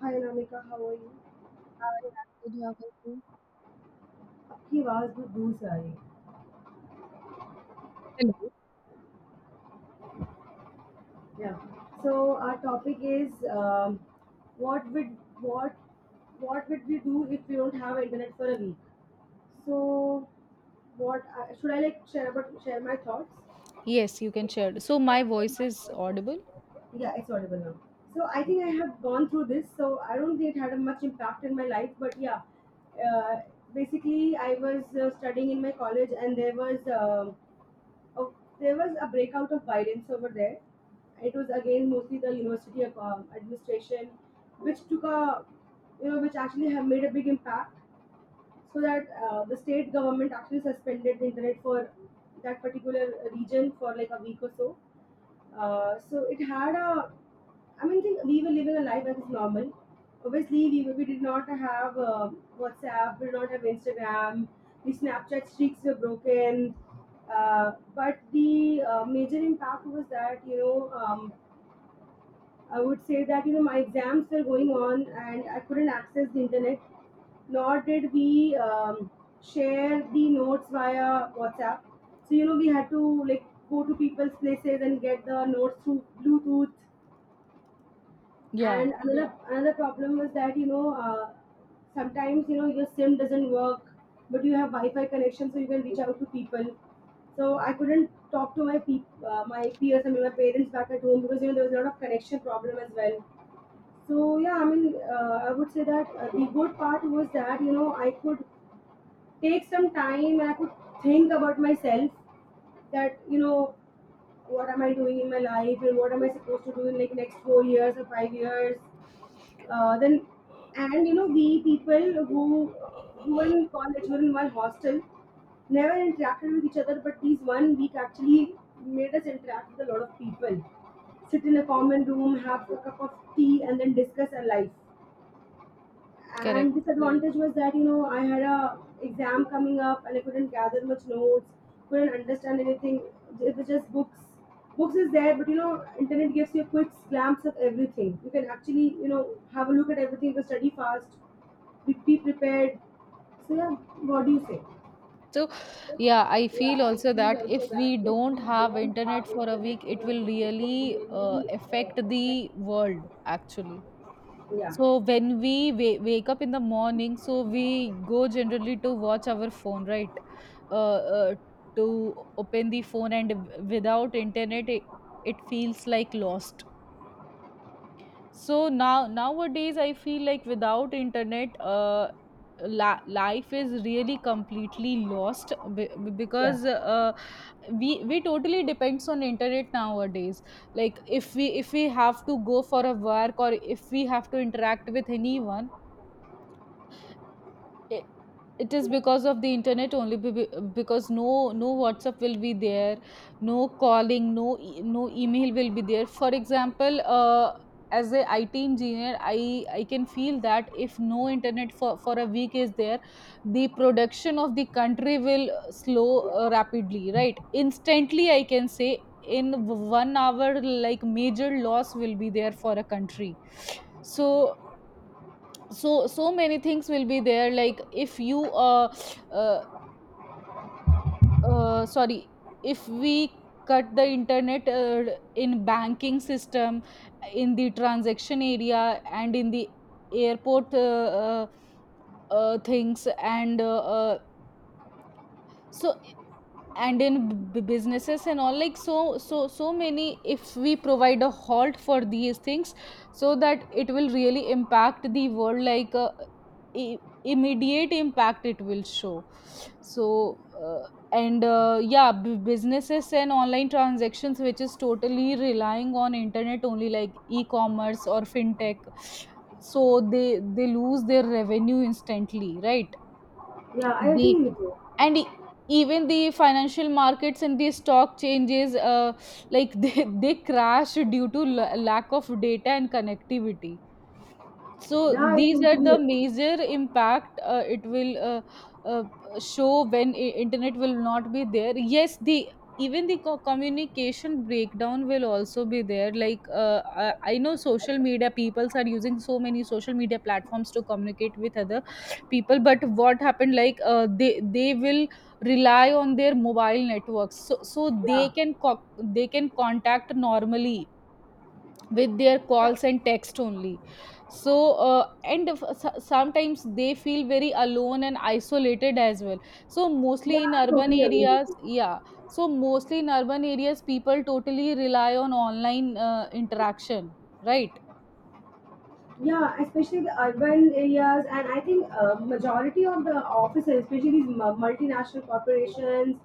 Hi Namika, how are you? Yeah. Did you have a go? आपकी आवाज बहुत दूर से आ रही है. Hello. Yeah. So our topic is what would what what would we do if we don't have internet for a week? So should I like share my thoughts? Yes, you can share. So my voice is audible. Yeah, it's audible now. So I think I Okay. have gone through this. So I don't think it had a much impact in my life, but yeah, uh, basically I was studying in my college, and Oh, there was a breakout of violence over there. It was again mostly the university of, administration, which took a, you know, which actually have made a big impact. So that the state government actually suspended the internet for that particular region for like a week or so. So it had a I mean, think we were living a life that is normal. Obviously, we did not have WhatsApp, we did not have Instagram, the Snapchat streaks were broken. But the major impact was that, I would say that, my exams were going on and I couldn't access the internet, nor did we share the notes via WhatsApp. So, we had to like go to people's places and get the notes through Bluetooth. Yeah, And another problem was that sometimes your sim doesn't work, but you have wi-fi connection so you can reach out to people. So I couldn't talk to my peop my peers, I mean my parents back at home, because there was a lot of connection problem as well. So yeah, I mean I would say that the good part was that I could take some time and I could think about myself, that what am I doing in my life and what am I supposed to do in like next 4 years or 5 years. Then, and we people who were in college were in one hostel, never interacted with each other, but these one week actually made us interact with a lot of people, sit in a common room, have a cup of tea, and then discuss our life. correct. And disadvantage was that I had a exam coming up and I couldn't gather much notes, couldn't understand anything. It was just books. Books is there, but internet gives you a quick glance of everything. You can actually have a look at everything to study fast, be prepared. So yeah, what do you say? So, yeah, I feel also that if we don't have internet for a week, it will really affect the world actually. Yeah, So when we wake up in the morning, so we go generally to watch our phone, right? Uh, uh, to open the phone and without internet, it feels like lost. So nowadays I feel like without internet, life is really completely lost, yeah, because we totally depends on internet nowadays. Like if we have to go for a work, or if we have to interact with anyone, it, it is because of the internet only, because no WhatsApp will be there, no calling, no email will be there. For example, as a it engineer, I can feel that if no internet for a week is there, the production of the country will slow rapidly, right? Instantly I can say in 1 hour like major loss will be there for a country. So many things will be there. Like if you uh, sorry if we cut the internet in banking system, in the transaction area, and in the airport things, and so, and in businesses and all. Like many, if we provide a halt for these things, so that it will really impact the world. Like i- immediate impact it will show. So and yeah, businesses and online transactions which is totally relying on internet only, like e-commerce or fintech, so they lose their revenue instantly, right? yeah, I They, agree with you. and e- even the financial markets and the stock changes, like they crash due to lack of data and connectivity. So Yeah, I these are totally the agree. major impact it will uh, show when internet will not be there. Yes, the even the communication breakdown will also be there. Like I, know social media peoples are using so many social media platforms to communicate with other people, but what happened? Like they will rely on their mobile networks, so Yeah. they can they can contact normally with their Yeah, calls and text only. So sometimes they feel very alone and isolated as well, so yeah, mostly in I urban totally agree with areas, you. yeah. So mostly in urban areas people totally rely on online interaction, right? Yeah, especially the urban areas. And I think majority of the offices, especially these multinational corporations,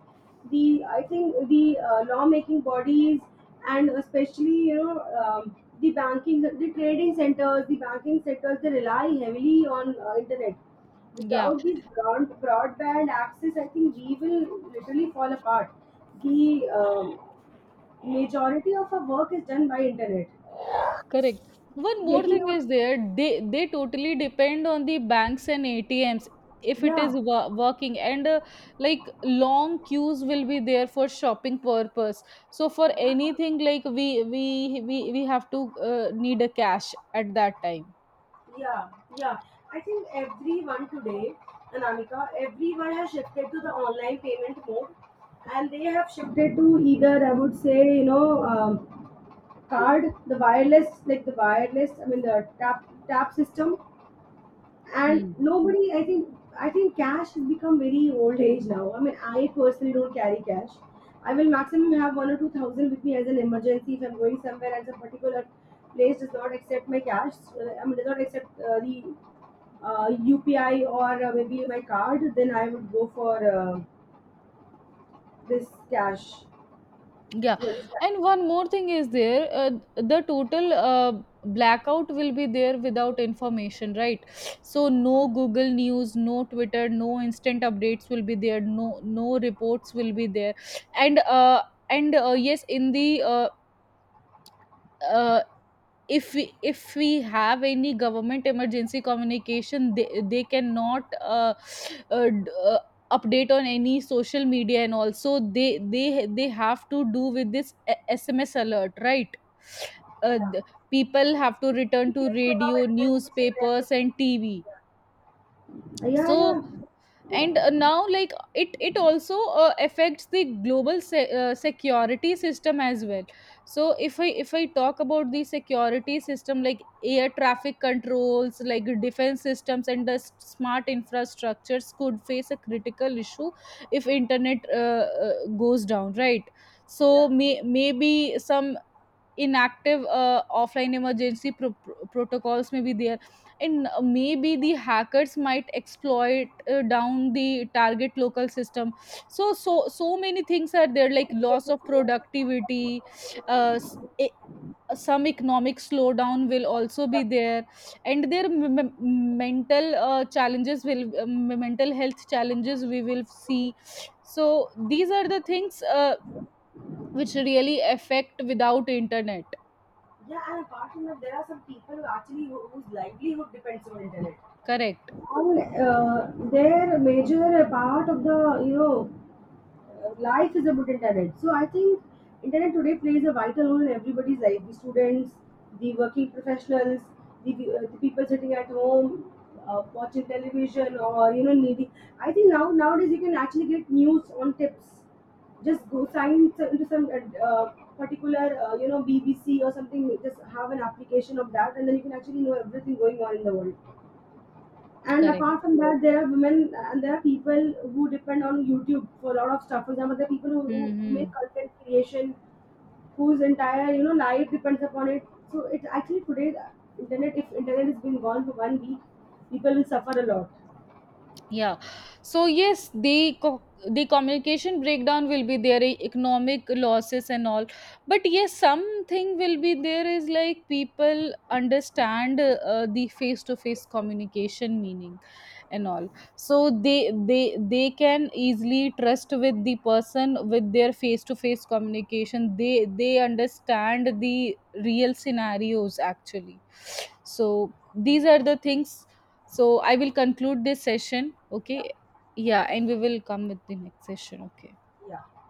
the I think the lawmaking bodies, and especially the banking, the trading centers, the banking sectors, they rely heavily on internet. Yeah. Without this broadband access, I think we will literally fall apart. The majority of our work is done by internet. Correct. One more Waking thing up, is there. They totally depend on the banks and ATMs if it is yeah, working and like long queues will be there for shopping purpose. So for yeah. anything, like we have to, need a cash at that time. Yeah, yeah. I think everyone today, Anamika, everyone has shifted to the online payment mode, and they have shifted to either, I would say, card, like the wireless, I mean, the tap system. And Hmm. nobody, I think cash has become very old age now. I mean, I personally don't carry cash. I will maximum have one or two thousand with me as an emergency if I'm going somewhere and some particular place does not accept my cash. I mean, does not accept the UPI or maybe my card. Then I would go for this cash. Yeah, You understand? and one more thing is there. The total blackout will be there without information, right? So no Google News, no Twitter, no instant updates will be there, no reports will be there. And yes, in the uh, if we have any government emergency communication, they cannot uh, d- uh, update on any social media, and also they have to do with this SMS alert, right? uh, Yeah. the people have to return to Application of radio, administration newspapers, revenue. and TV. Yeah. Yeah, So, yeah. and now like it also affects the global security system as well. So if I talk about the security system, like air traffic controls, like defense systems and the smart infrastructures could face a critical issue if internet goes down, right? Yeah. So maybe some inactive offline emergency protocols may be there, and maybe the hackers might exploit down the target local system. So many things are there, like loss of productivity, uh, s- e- some economic slowdown will also be there, and their mental mental health challenges we will see. So these are the things which really affect without internet. Yeah, and apart from that, there are some people whose livelihood depends on internet. Correct, And their major part of the life is about internet. So I think internet today plays a vital role in everybody's life: the students, the working professionals, the people sitting at home, watching television, or needing. I think now nowadays you can actually get news on tips. Just go sign into some particular BBC or something. Just have an application of that, and then you can actually know everything going on in the world. And correct. apart from that, there are women, and there are people who depend on YouTube for a lot of stuff. For example, there are people who Mm-hmm. make content creation, whose entire life depends upon it. So it actually today, the internet, if internet is being gone for one week, people will suffer a lot. Yeah. So yes, the the communication breakdown will be there, economic losses and all. But yes, something will be there is like people understand the face to face communication meaning and all. So they they can easily trust with the person with their face to face communication. They understand the real scenarios actually. So these are the things. So I will conclude this session. Okay. Yeah. And we will come with the next session. Okay. Yeah.